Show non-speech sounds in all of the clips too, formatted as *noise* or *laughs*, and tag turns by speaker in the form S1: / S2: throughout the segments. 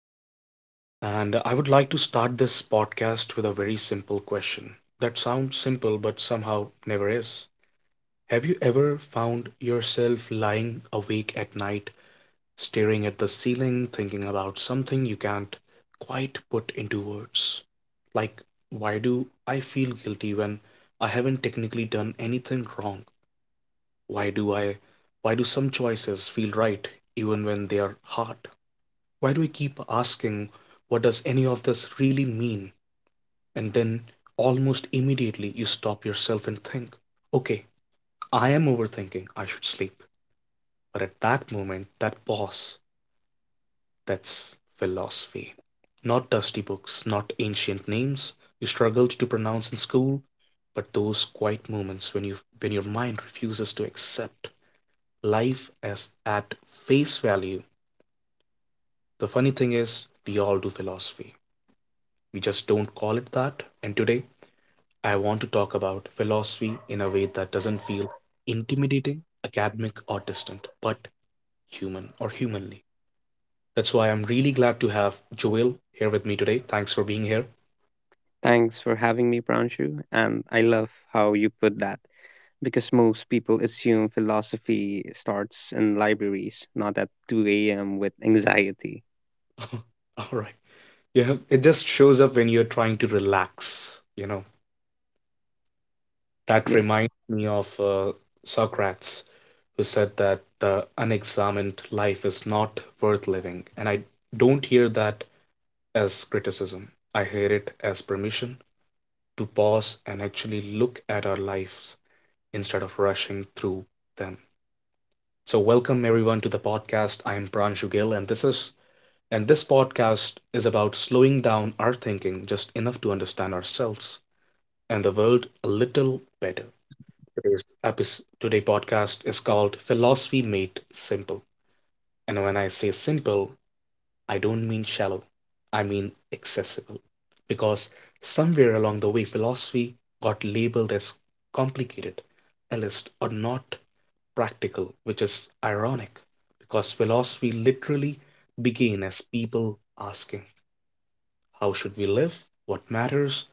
S1: Gill, and I would like to start this podcast with a very simple question that sounds simple but somehow never is. Have you ever found yourself lying awake at night, staring at the ceiling, thinking about something you can't quite put into words? Like, why do I feel guilty when I haven't technically done anything wrong? Why do I, why do some choices feel right even when they are hard? Why do we keep asking, what does any of this really mean? And then, almost immediately, you stop yourself and think, okay, I am overthinking, I should sleep. But at that moment, that pause, that's philosophy. Not dusty books, not ancient names you struggled to pronounce in school, but those quiet moments when your mind refuses to accept life as at face value. The funny thing is, we all do philosophy. We just don't call it that. And today, I want to talk about philosophy in a way that doesn't feel intimidating, academic, or distant, but human or humanly. That's why I'm really glad to have Joel here with me today. Thanks for being here.
S2: Thanks for having me, Pranshu. And I love how you put that because most people assume philosophy starts in libraries, not at 2 a.m. with anxiety.
S1: *laughs* All right. Yeah, it just shows up when you're trying to relax. You know, that
S2: Yeah,
S1: reminds me of Socrates, who said that the unexamined life is not worth living. And I don't hear that as criticism. I hear it as permission to pause and actually look at our lives instead of rushing through them. So welcome everyone to the podcast. I am Pranshu Gill, and this podcast is about slowing down our thinking just enough to understand ourselves and the world a little better. Today's episode, today podcast is called Philosophy Made Simple. And when I say simple, I don't mean shallow, I mean accessible, because somewhere along the way philosophy got labeled as complicated, elitist, or not practical, which is ironic, because philosophy literally began as people asking, "How should we live? What matters?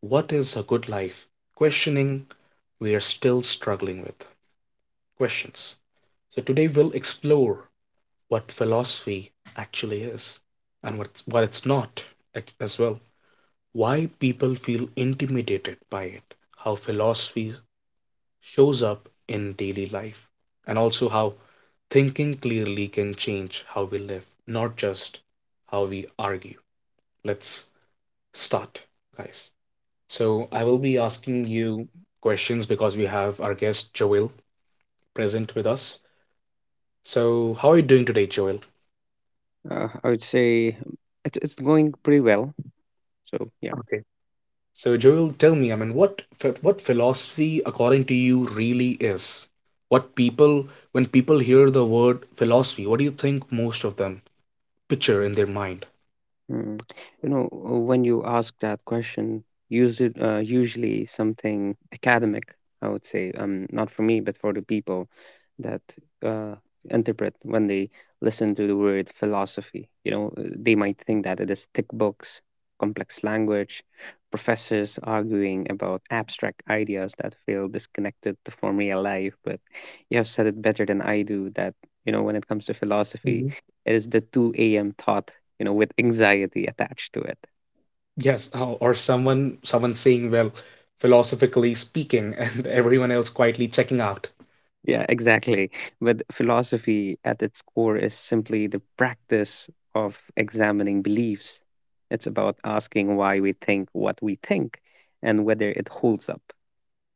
S1: What is a good life?" questioning we are still struggling with questions. So today we'll explore what philosophy actually is and what it's not as well. Why people feel intimidated by it, how philosophy shows up in daily life, and also how thinking clearly can change how we live, not just how we argue. Let's start, guys. So I will be asking you questions because we have our guest Joel present with us. So how are you doing today, Joel?
S2: I would say it's going pretty well. So, yeah.
S1: Okay. So Joel, tell me, I mean, what philosophy, according to you, really is? When people hear the word philosophy, what do you think most of them picture in their mind?
S2: Hmm. You know, when you ask that question, use it usually something academic, I would say, not for me, but for the people that uh, interpret when they listen to the word philosophy. You know, they might think that it is thick books, complex language, professors arguing about abstract ideas that feel disconnected to from real life. But you have said it better than I do that. When it comes to philosophy,
S1: Mhm.
S2: it is the 2 a.m. thought, with anxiety attached to it.
S1: Yes, or someone saying, well, philosophically speaking, *laughs* and everyone else quietly checking out.
S2: Yeah, exactly. But philosophy at its core is simply the practice of examining beliefs. It's about asking why we think what we think and whether it holds up.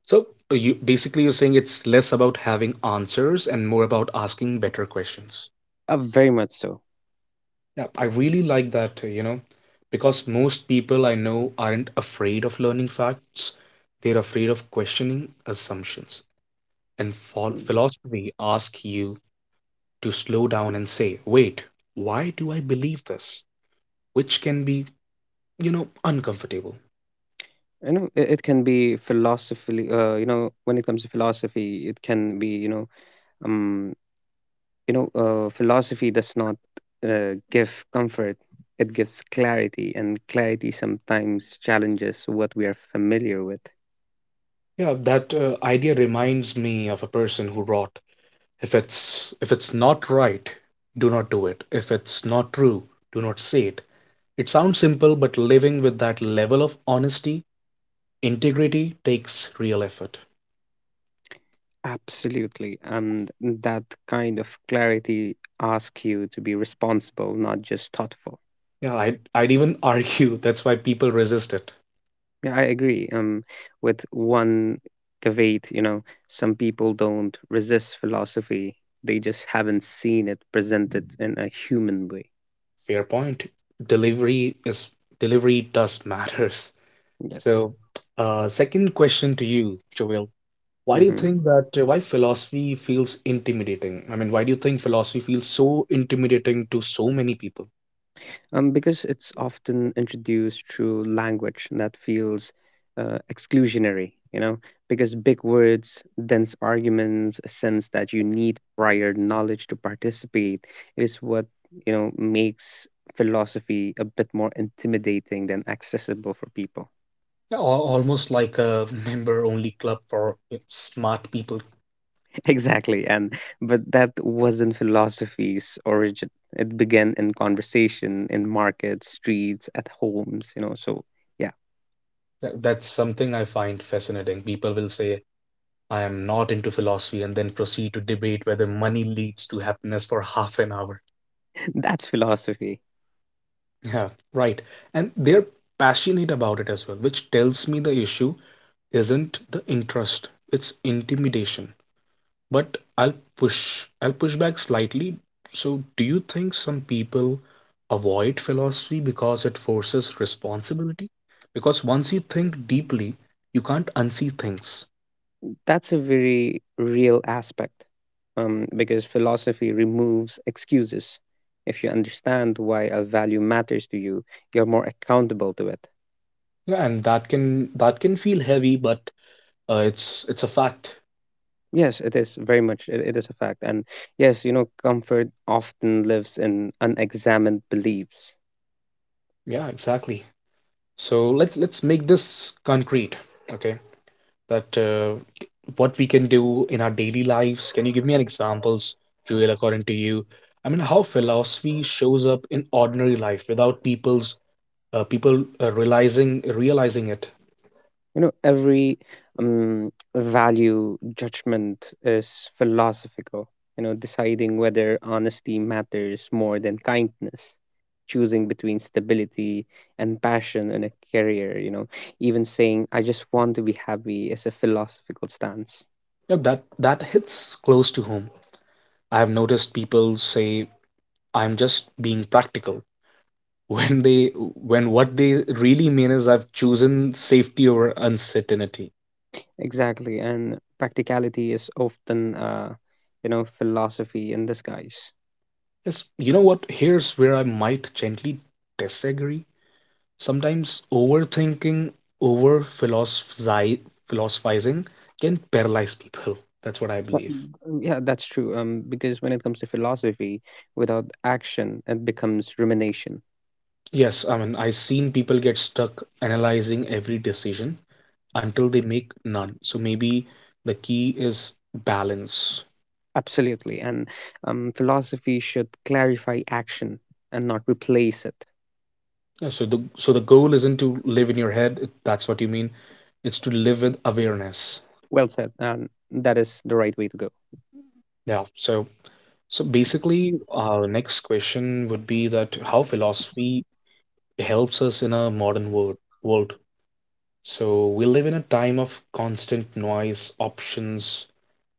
S1: So you basically you're saying it's less about having answers and more about asking better questions.
S2: Very much so.
S1: Yeah, I really like that, you know, because most people I know aren't afraid of learning facts. They're afraid of questioning assumptions. And phil-
S2: Mm.
S1: philosophy asks you to slow down and say, wait, why do I believe this? Which can be uncomfortable.
S2: It can be philosophically, when it comes to philosophy, it can be, um, you know philosophy does not give comfort, it gives clarity, and clarity sometimes challenges what we are familiar with.
S1: Yeah, that idea reminds me of a person who wrote, if it's not right, do not do it. If it's not true, do not say it. It sounds simple, but living with that level of honesty, integrity takes real effort.
S2: Absolutely. And that kind of clarity asks you to be responsible, not just thoughtful.
S1: Yeah, I'd even *laughs* argue that's why people resist it.
S2: Yeah, I agree, with one caveat. You know, some people don't resist philosophy, they just haven't seen it presented in a human way.
S1: Fair point. Delivery is delivery does matters.
S2: Yes.
S1: So, second question to you, Joel. Why do you
S2: Hmm.
S1: think that why philosophy feels intimidating? I mean, why do you think philosophy feels so intimidating to so many people?
S2: Because it's often introduced through language that feels exclusionary, you know, because big words, dense arguments, a sense that you need prior knowledge to participate is what, you know, makes philosophy a bit more intimidating than accessible for people.
S1: Yeah, almost like a member-only club for smart people.
S2: *laughs* Exactly. And but that wasn't philosophy's origin. It began in conversation, in markets, streets, at homes, you know. So yeah,
S1: That's something I find fascinating. People will say, I am not into philosophy, and then proceed to debate whether money leads to happiness for half an hour. *laughs*
S2: *laughs* that's philosophy.
S1: Yeah, right. And they're passionate about it as well, which tells me the issue isn't the interest, it's intimidation. But I'll push back slightly. So, do you think some people avoid philosophy because it forces responsibility? Because once you think deeply, you can't unsee things.
S2: That's a very real aspect, because philosophy removes excuses. If you understand why a value matters to you, you're more accountable to it.
S1: Yeah, and that can feel heavy, but it's a fact.
S2: Yes, it is very much. It is a fact. And yes, you know, comfort often lives in unexamined beliefs.
S1: Yeah, exactly. So let's make this concrete, okay? That what we can do in our daily lives. Can you give me an examples, Joel, according to you? I mean, how philosophy shows up in ordinary life without people realizing it.
S2: You know, every value judgment is philosophical, you know, deciding whether honesty matters more than kindness, choosing between stability and passion in a career, you know, even saying, "I just want to be happy" is a philosophical stance.
S1: Yeah, that hits close to home. I have noticed people say, "I'm just being practical," when what they really mean is I've chosen safety over uncertainty.
S2: Exactly. And practicality is often, philosophy in disguise.
S1: Yes, you know what? Here's where I might gently disagree. Sometimes overthinking, over philosophizing can paralyze people. That's what I believe.
S2: Mm. Yeah, that's true. Because when it comes to philosophy, without action, it becomes rumination.
S1: Yes, I mean, I've seen people get stuck analyzing every decision until they make none. So maybe the key is balance.
S2: Absolutely. And philosophy should clarify action and not replace it.
S1: Yeah, so the goal isn't to live in your head, if that's what you mean. It's to live with awareness.
S2: Well said. And that is the right way to go.
S1: Yeah. So basically, our next question would be that how philosophy helps us in a modern world. So we live in a time of constant noise, options,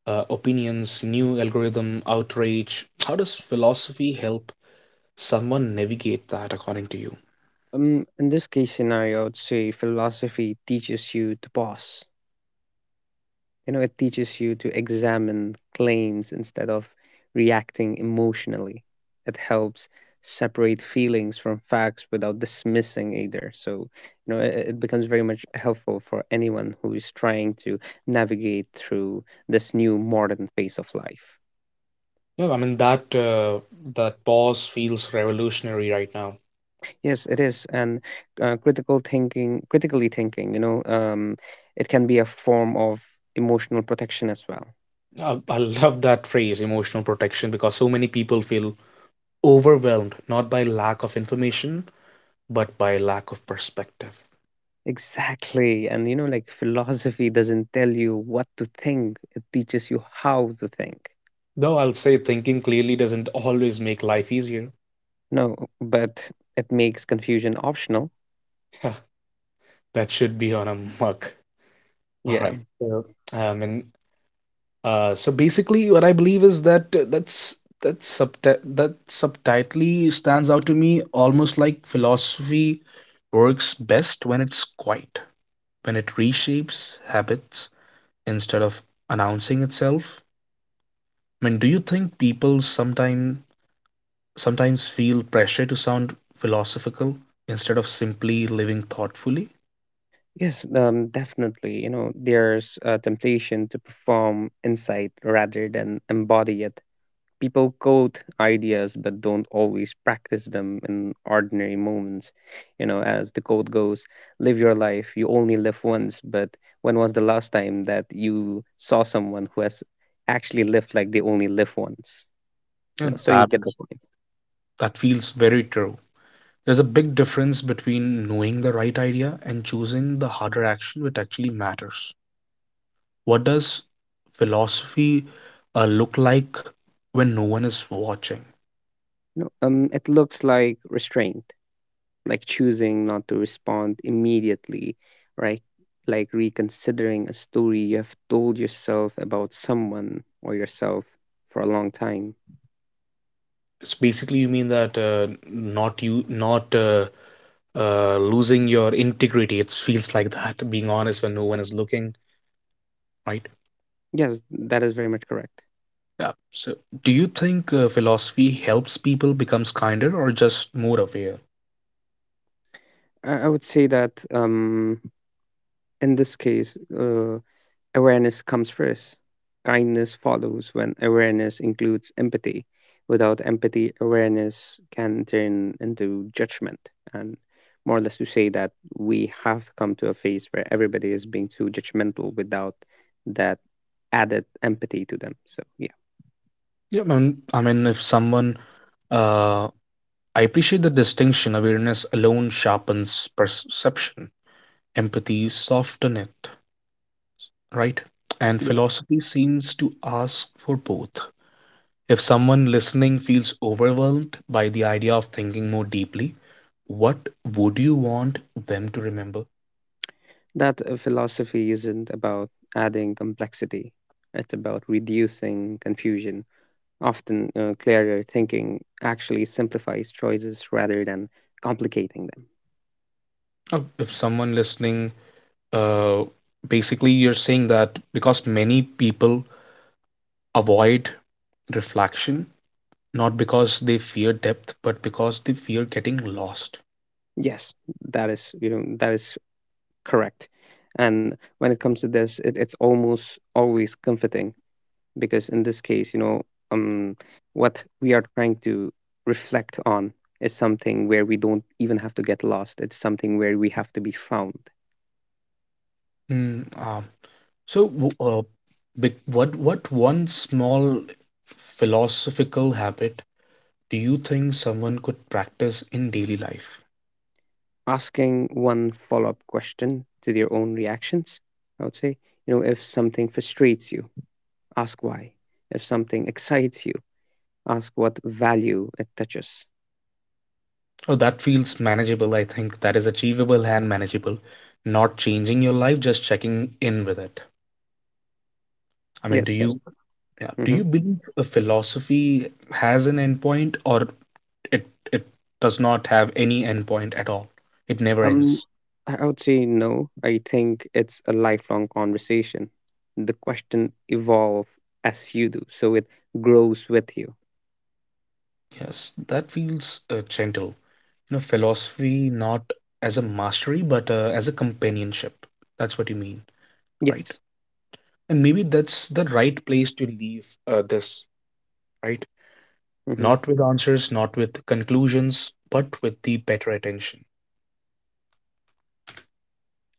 S1: opinions, new algorithm, outrage. How does philosophy help someone navigate that, according to you?
S2: In this case scenario, I would say philosophy teaches you to pause. You know, it teaches you to examine claims instead of reacting emotionally. It helps separate feelings from facts without dismissing either. So, you know, it becomes very much helpful for anyone who is trying to navigate through this new modern phase of life.
S1: Yeah, I mean that pause feels revolutionary right now.
S2: Yes, it is. And critically thinking, you know, it can be a form of emotional protection as well.
S1: I love that phrase, emotional protection, because so many people feel overwhelmed not by lack of information, but by lack of perspective.
S2: Exactly. And you know, like, philosophy doesn't tell you what to think, it teaches you how to think.
S1: Though I'll say thinking clearly doesn't always make life easier.
S2: No, but it makes confusion optional.
S1: *laughs* That should be on a mug. *laughs* All
S2: Yeah.
S1: right. Um, and so basically, what I believe is that subtitly stands out to me, almost like philosophy works best when it's quiet, when it reshapes habits instead of announcing itself? I mean, do you think people sometimes feel pressure to sound philosophical instead of simply living thoughtfully?
S2: Yes, definitely. You know, there's a temptation to perform insight rather than embody it. People quote ideas but don't always practice them in ordinary moments. You know, as the quote goes, live your life, you only live once, but when was the last time that you saw someone who has actually lived like they only live once? You know,
S1: And
S2: so you
S1: that
S2: get the point.
S1: that feels very true. There's a big difference between knowing the right idea and choosing the harder action which actually matters. What does philosophy look like when no one is watching?
S2: You know, it looks like restraint, like choosing not to respond immediately, right? Like reconsidering a story you have told yourself about someone or yourself for a long time.
S1: It's basically you mean that not losing your integrity. It feels like that, being honest when no one is looking, right?
S2: Yes, that is very much correct.
S1: Yeah. So, do you think philosophy helps people becomes kinder or just more aware?
S2: I would say that in this case, uh, awareness comes first. Kindness follows when awareness includes empathy. Without empathy, awareness can turn into judgment. And more or less to say that we have come to a phase where everybody is being too judgmental without that added empathy to them. So, yeah.
S1: Yeah, I mean, if uh, I appreciate the distinction. Awareness alone sharpens perception. Empathy softens it, right? And philosophy seems to ask for both. If someone listening feels overwhelmed by the idea of thinking more deeply, what would you want them to remember?
S2: That philosophy isn't about adding complexity, it's about reducing confusion. Often, clearer thinking actually simplifies choices rather than complicating them.
S1: Oh, if someone listening, uh, basically you're saying that because many people avoid reflection, not because they fear depth, but because they fear getting lost.
S2: Yes, that is correct. And when it comes to this, it's almost always comforting because in this case, um, what we are trying to reflect on is something where we don't even have to get lost. It's something where we have to be found.
S1: Hmm. So, w- uh, what one small philosophical habit do you think someone could practice in daily life?
S2: Asking one follow-up question to their own reactions, I would say, you know, if something frustrates you, ask why. If something *laughs* excites you, ask what value it touches.
S1: Oh, that feels manageable. I think that is achievable and manageable. Not changing your life, just checking in with it. I mean, do
S2: Yes,
S1: you yeah, do
S2: that.
S1: you believe a philosophy has an endpoint, or it does not have any endpoint at all? It never
S2: Um,
S1: ends.
S2: I would say no. I think it's a lifelong conversation. The question evolve as you do, so it grows with you.
S1: Yes, that feels gentle. You know, philosophy not as a mastery, but as a companionship. That's what you mean, right?
S2: Yes.
S1: And maybe that's the right place to leave this, right?
S2: Mm-hmm.
S1: Not with answers, not with conclusions, but with the better attention,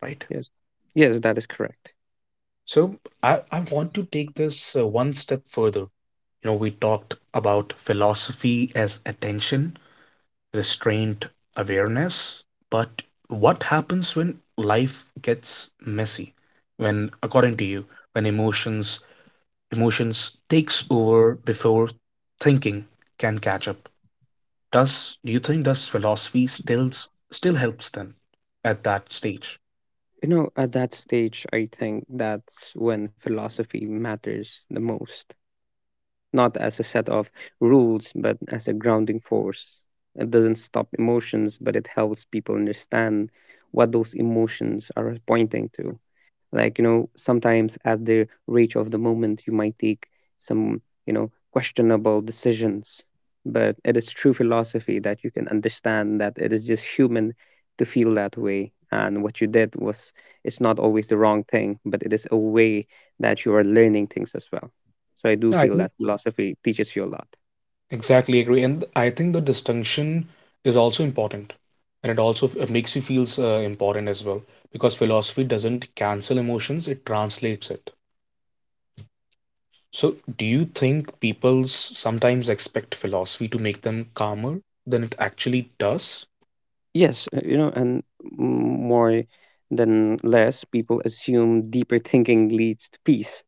S1: right?
S2: Yes. Yes, that is correct.
S1: So I want to take this one step further. You know, we talked about philosophy as attention, restraint, awareness, but what happens when life gets messy? When, according to you, when emotions takes over before thinking can catch up. Does do you think does philosophy still helps them at that stage?
S2: You know, at that stage, I think that's when philosophy matters the most. Not as a set of rules, but as a grounding force. It doesn't stop emotions, but it helps people understand what those emotions are pointing to. Like, you know, sometimes at the reach of the moment you might take some, you know, questionable decisions, but it is true philosophy that you can understand that it is just human to feel that way, and what you did was, it's not always the wrong thing, but it is a way that you are learning things as well. So I do
S1: Yeah, I
S2: feel
S1: think
S2: that philosophy teaches you a lot.
S1: exactly agree, and I think the distinction is also important, and it also makes you feel important as well, because philosophy doesn't cancel emotions; it translates it. So, do you think people sometimes expect philosophy to make them calmer than it actually does?
S2: Yes, you know, and more than less people assume deeper thinking leads to peace,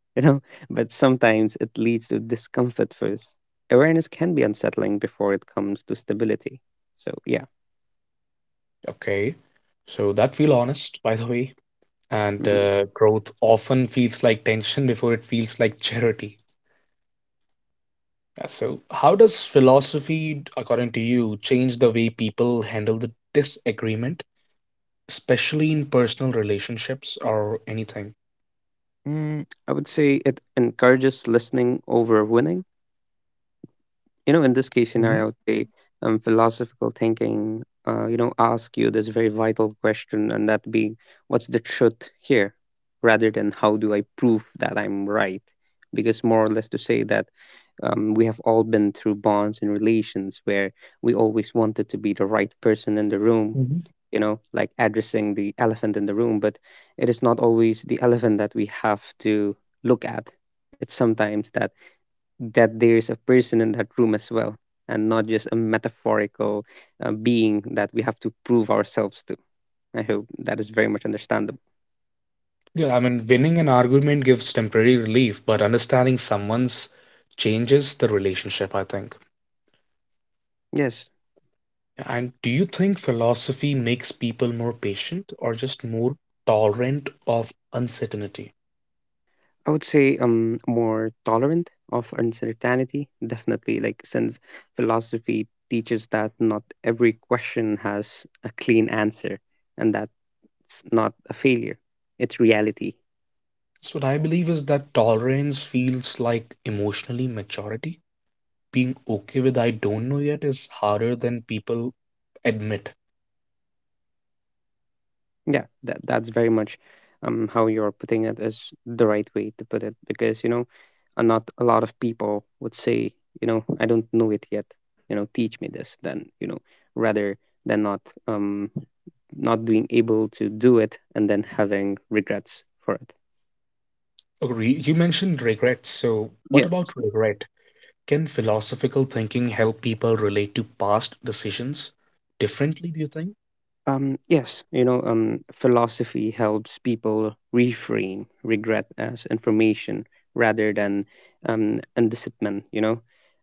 S2: *laughs* you know, but sometimes it leads to discomfort first. Awareness can be unsettling before it comes to stability. So, yeah.
S1: Okay, so that feel honest, by the way, and
S2: Mhm.
S1: uh, growth often feels like tension *laughs* before it feels like charity. Yeah. So, how does philosophy, according to you, change the way people handle the disagreement, especially in personal relationships or anything?
S2: Mm, I would say it encourages listening over winning. You know, in this case scenario,
S1: Mhm,
S2: I would say philosophical thinking, ask you this very vital question, and that being, what's the truth here? Rather than, how do I prove that I'm right? Because more or less to say that we have all been through bonds and relations where we always wanted to be the right person in the room,
S1: mhm.
S2: you know, like addressing the elephant in the room, but it is not always the elephant that we have to look at. It's sometimes that there is a person in that room as well, and not just a metaphorical being that we have to prove ourselves to. I hope that is very much understandable.
S1: Yeah, I mean, winning an argument gives temporary relief, but understanding someone's changes the relationship, I think.
S2: Yes.
S1: And do you think philosophy makes people more patient or just more tolerant of uncertainty?
S2: I would say more tolerant of uncertainty, definitely. Like, since philosophy teaches that not every question has a clean answer, and that's not a failure; it's reality.
S1: So what I believe is that tolerance feels like emotionally maturity. Being okay with I don't know yet is harder than people admit.
S2: Yeah, that's very much how you're putting it, is the right way to put it, because you know, not a lot of people would say, you know, I don't know it yet. You know, teach me this. Then you know, rather than um not being able to do it and then having regrets for it.
S1: Agree. You mentioned regret, so what
S2: Yes.
S1: about regret? Can philosophical thinking help people relate to past decisions differently, do you think?
S2: Philosophy helps people reframe regret as information rather than indictment, you know.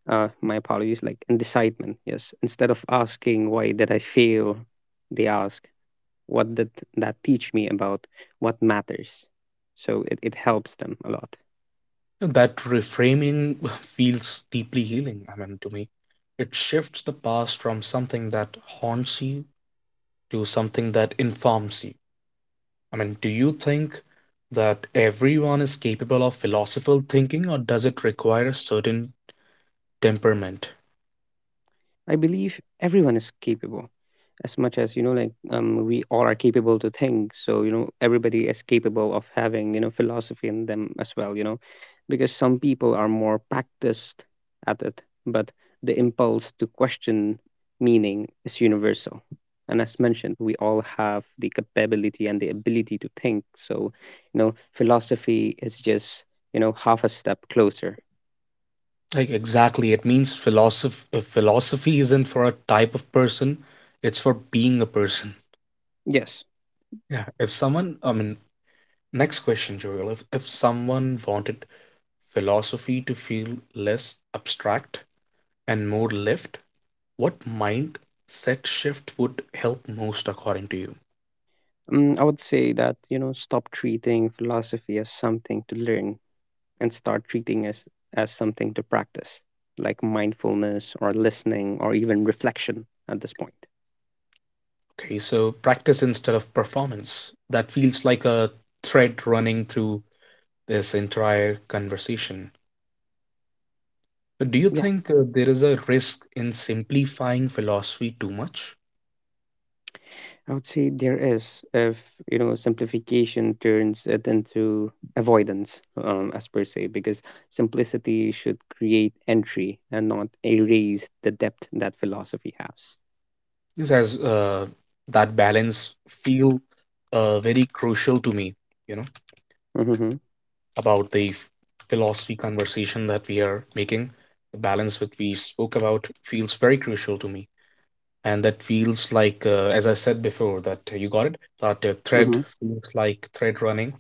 S2: My apologies, like indictment, yes. Instead of asking, why did I fail? They ask, what did that teach me about what matters? So it helps them a lot.
S1: That reframing *laughs* feels deeply healing, I mean, to me. It shifts the past from something that haunts you to something that informs you. I mean, do you think that everyone is capable of philosophical thinking, or does it require a certain temperament?
S2: I believe everyone is capable, as much as you know, like, we all are capable to think. So you know, everybody is capable of having, you know, philosophy in them as well. You know, because some people are more practiced at it, but the impulse to question meaning is universal. And as mentioned, we all have the capability and the ability to think. So, you know, philosophy is just, you know, half a step closer.
S1: Like exactly, it means philosophy isn't for a type of person, it's for being a person.
S2: Yes.
S1: Yeah. If someone, I mean, next question, Joel. If someone wanted philosophy to feel less abstract and more lived, what mindset shift would help most, according to you?
S2: Mm, I would say that, you know, stop treating philosophy as something to learn and start treating as something to practice, like mindfulness or listening or even reflection at this point.
S1: Okay, so practice instead of performance. That feels like a thread running through this entire conversation. Do you
S2: Yeah,
S1: think there is a risk in simplifying philosophy too much?
S2: I would say there is if, you know, simplification turns it into avoidance, as per se, because simplicity should create entry and not erase the depth that philosophy has.
S1: This has that balance feel very crucial to me, you know,
S2: Mm-hmm.
S1: about philosophy conversation that we are making. The balance that we spoke about feels very crucial to me. And that feels like, as I said before, that you got it, that thread
S2: Mm-hmm.
S1: feels like thread running.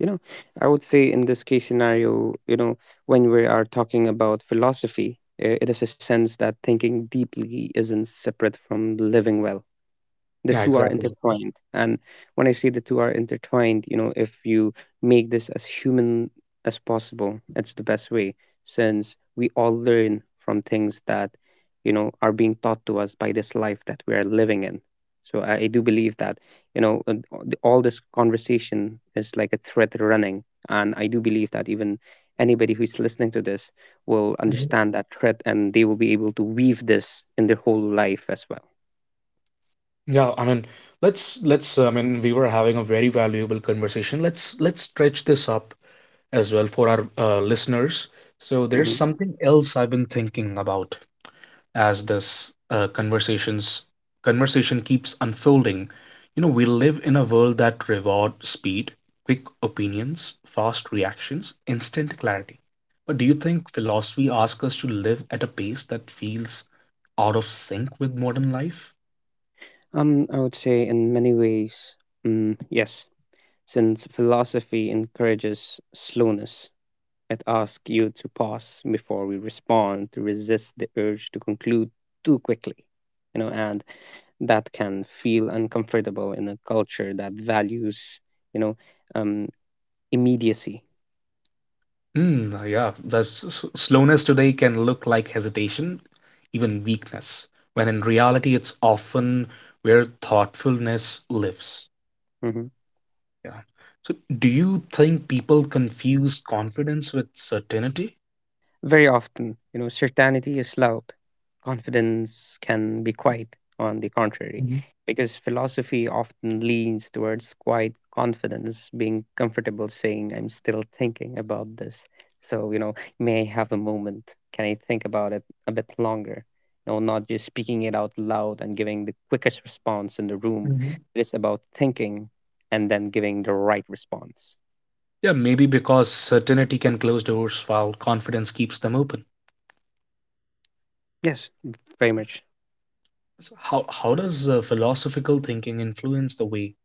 S2: You know, I would say in this case scenario, you know, when we are talking about philosophy, it is a sense that thinking deeply isn't separate from living well. The
S1: Yeah,
S2: two are
S1: exactly.
S2: intertwined. And when I say the two are intertwined, you know, if you make this as human as possible, it's the best way, since we all learn from things that, you know, are being taught to us by this life that we are living in. I do believe that, you know uh, all this conversation is like a thread running, and I do believe that even anybody who's listening to this will understand that thread and they will be able to weave this in their whole life as well.
S1: Yeah, I mean, let's I mean, we were having a very valuable conversation. Let's stretch this up as well for our listeners. So there's
S2: Mhm.
S1: something else I've been thinking about as this conversation keeps unfolding. You know, we live in a world that reward speed, quick opinions, fast reactions, instant clarity. But do you think philosophy asks us to live at a pace that feels out of sync with modern life?
S2: I would say in many ways, yes, since philosophy encourages slowness. It asks you to pause before we respond, to resist the urge to conclude too quickly, you know, and that can feel uncomfortable in a culture that values, you know, um, immediacy.
S1: Mm, yeah, that's slowness today can look like hesitation, even weakness, when in reality it's often where thoughtfulness lives.
S2: Mm-hmm.
S1: Yeah. So, do you think people confuse confidence with certainty?
S2: Very often, you know, certainty is loud. Confidence can be quiet, on the contrary,
S1: Mhm,
S2: because philosophy often leans towards quiet confidence, being comfortable saying, I'm still thinking about this. So, you know, may I have a moment? Can I think about it a bit longer? You know, not just speaking it out loud and giving the quickest response in the room.
S1: mhm.
S2: It is about thinking and then giving the right response.
S1: Yeah, maybe because certainty can close doors while confidence keeps them open.
S2: Yes, very much.
S1: So how does philosophical thinking influence the way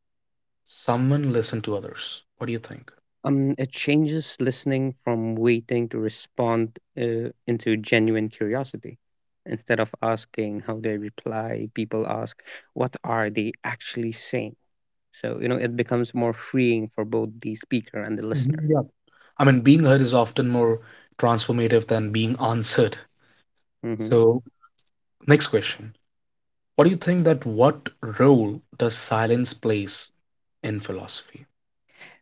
S1: someone listen to others? What do you think?
S2: It changes listening from waiting to respond into genuine curiosity. Instead of asking how they reply, people ask, what are they actually saying? So, you know, it becomes more freeing for both the speaker and the listener.
S1: I mean, being heard is often more transformative than being answered.
S2: Mm-hmm.
S1: So, next question. What do you think that what role does silence plays in philosophy?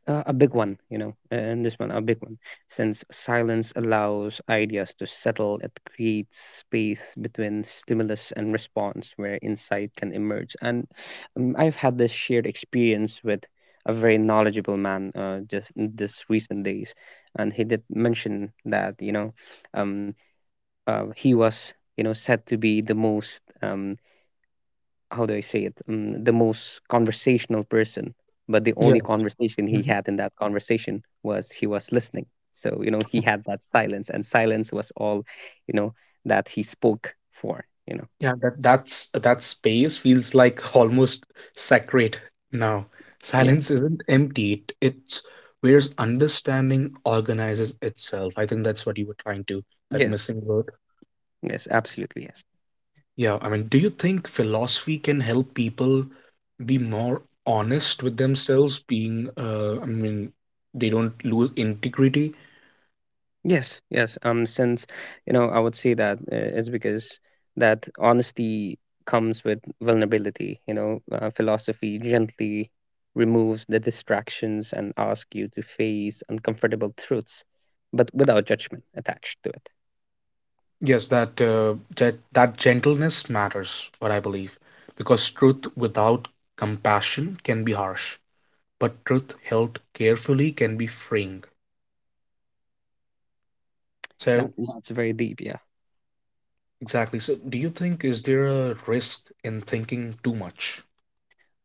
S2: A big one, you know, and this one, a big one. Since silence allows ideas to settle, it creates space between stimulus and response where insight can emerge. And I've had this shared experience with a very knowledgeable man just in this recent days. And he did mention that, um, he was, you know, said to be the most how do I say it? The most conversational person, but the only
S1: Yeah.
S2: conversation he
S1: Mhm.
S2: had in that conversation was he was listening. So, you know, he had that silence, and silence was all, you know, that he spoke for, you know.
S1: Yeah, that's that space feels like almost sacred now.
S2: Yeah.
S1: Silence isn't empty. It's where's understanding organizes itself. I think that's what you were trying to, that
S2: Yes.
S1: missing word.
S2: Yes, absolutely. Yes.
S1: Yeah, I mean, do you think philosophy can help people be more honest with themselves, being, I mean, they don't lose integrity?
S2: Yes, yes. Since, you know, I would say that is because that honesty comes with vulnerability. Philosophy gently removes the distractions and asks you to face uncomfortable truths, but without judgment attached to it.
S1: Yes, that that gentleness matters, what I believe, because truth without compassion can be harsh, but truth held carefully can be freeing. So,
S2: That that's very deep. Yeah.
S1: exactly. So, do you think is there a risk in thinking too much?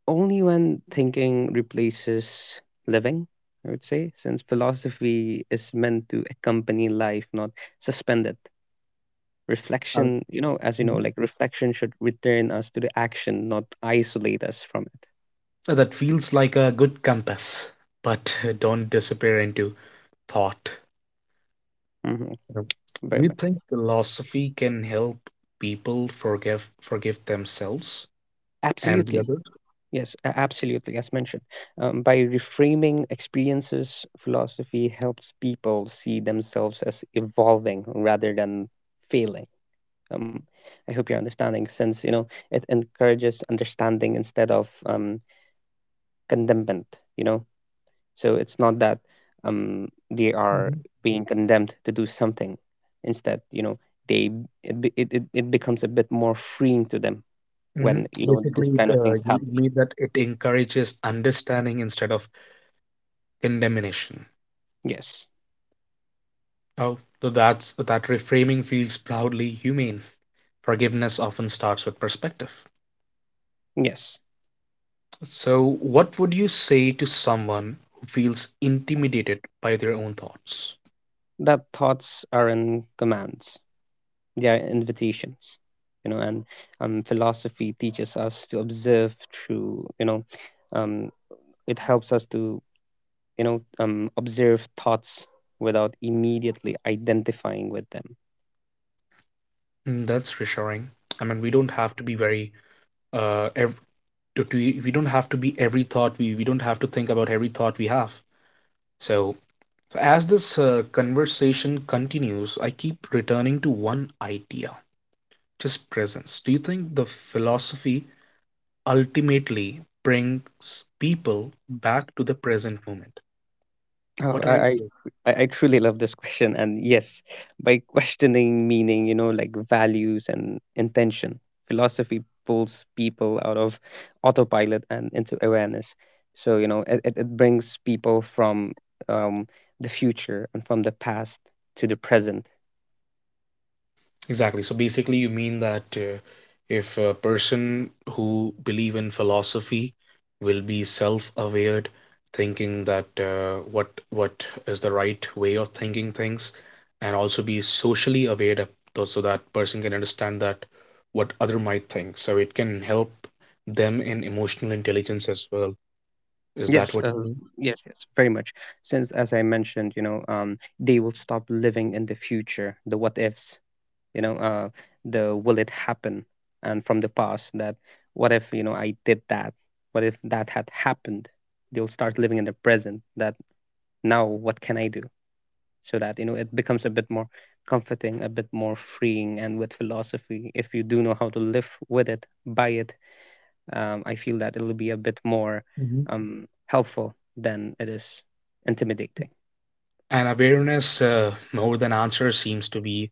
S2: Only when thinking replaces living, I would say, since philosophy is meant to accompany life, not suspend it.
S1: I would-
S2: Reflection, you know, as you know,
S1: Mhm.
S2: like reflection should return us to the action, not isolate us from it.
S1: So that feels like a good compass, but *laughs* don't disappear into thought.
S2: Hmm.
S1: Yep.
S2: Very
S1: Do you
S2: much.
S1: think philosophy can help people forgive themselves and the
S2: Absolutely.
S1: others?
S2: Yes, absolutely. As mentioned, by reframing experiences, philosophy helps people see themselves as evolving rather than failing. Um, I hope you're understanding, since you know it encourages understanding instead of condemnment. You know, so it's not that they are
S1: Mhm.
S2: being condemned to do something. Instead, you know, they it it becomes a bit more freeing to them
S1: Mhm.
S2: when, you know, this
S1: Basically, it,
S2: kind of things
S1: you
S2: happen.
S1: mean that it encourages understanding instead of condemnation.
S2: Yes,
S1: Oh, so that's that reframing feels proudly humane. Forgiveness often starts with perspective.
S2: yes,
S1: So, what would you say to someone who feels intimidated by their own thoughts?
S2: that thoughts are in commands. They are invitations. You know, and philosophy teaches us to observe through. You know, um, it helps us to, observe thoughts without immediately identifying with them.
S1: Mm, that's reassuring. I mean, we don't have to be very uh ev- to, to, we don't have to be every thought we don't have to think about every thought we have. So, so as this conversation continues, I keep returning to one idea, just presence. Do you think the philosophy ultimately brings people back to the present moment?
S2: Oh,
S1: What are
S2: I, I
S1: you?
S2: I I truly love this question. And yes, by questioning meaning, you know, like values and intention, philosophy pulls people out of autopilot and into awareness. So, you know, it brings people from, um, the future and from the past to the present.
S1: Exactly. So basically, you mean that if a person who believe in philosophy will be self-aware, thinking that what is the right way of thinking things, and also be socially aware, of those, so that person can understand that what other might think. So it can help them in emotional intelligence as well. Is that
S2: Yes,
S1: what you mean?
S2: yes, yes, very much. Since, as I mentioned, you know, they will stop living in the future, the what ifs, you know uh, the will it happen, and from the past, that what if, you know, I did that, what if that had happened. They'll start living in the present, that now what can I do. So that, you know, it becomes a bit more comforting, a bit more freeing, and with philosophy, if you do know how to live with it, by it, I feel that it'll be a bit more
S1: Mhm.
S2: helpful than it is intimidating.
S1: And awareness more than answer seems to be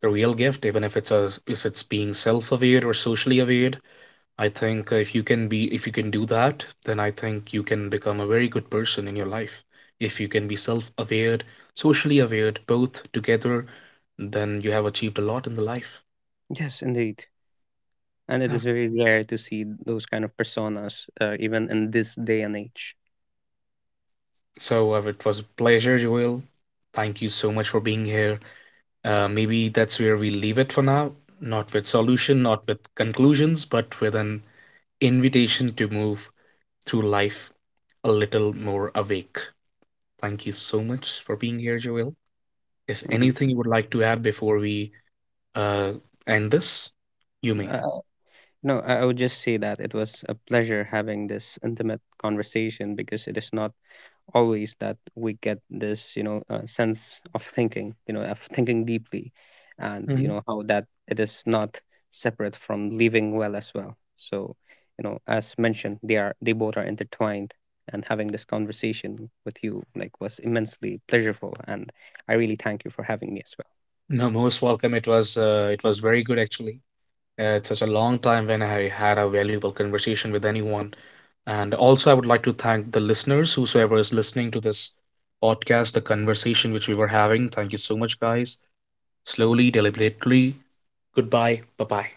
S1: the real gift, even if it's a if it's being self-aware or socially aware. I think if you can be if you can do that, then I think you can become a very good person in your life if you can be self-aware, socially aware, both together, then you have achieved a lot in the life.
S2: Yes, indeed. And it
S1: Yeah.
S2: is very rare to see those kind of personas even in this day and age.
S1: So it was a pleasure, Joel. Thank you so much for being here. Maybe that's where we leave it for now, not with solution, not with conclusions, but with an invitation to move through life a little more awake. Thank you so much for being here, Joel. If
S2: Mhm.
S1: anything you would like to add before we uh, end this, you may.
S2: Uh, no, I would just say that it was a pleasure having this intimate conversation, because it is not always that we get this, you know, sense of thinking, you know, of thinking deeply, and you
S1: Hmm.
S2: know how that it is not separate from living well as well. So, you know, as mentioned, they are, they both are intertwined, and having this conversation with you like was immensely pleasurable, and I really thank you for having me as well.
S1: No, most welcome. It was very good actually. It's such a long time when I had a valuable conversation with anyone. And also, I would like to thank the listeners, whosoever is listening to this podcast, the conversation which we were having. Thank you so much, guys. Slowly, deliberately. Goodbye. Bye bye.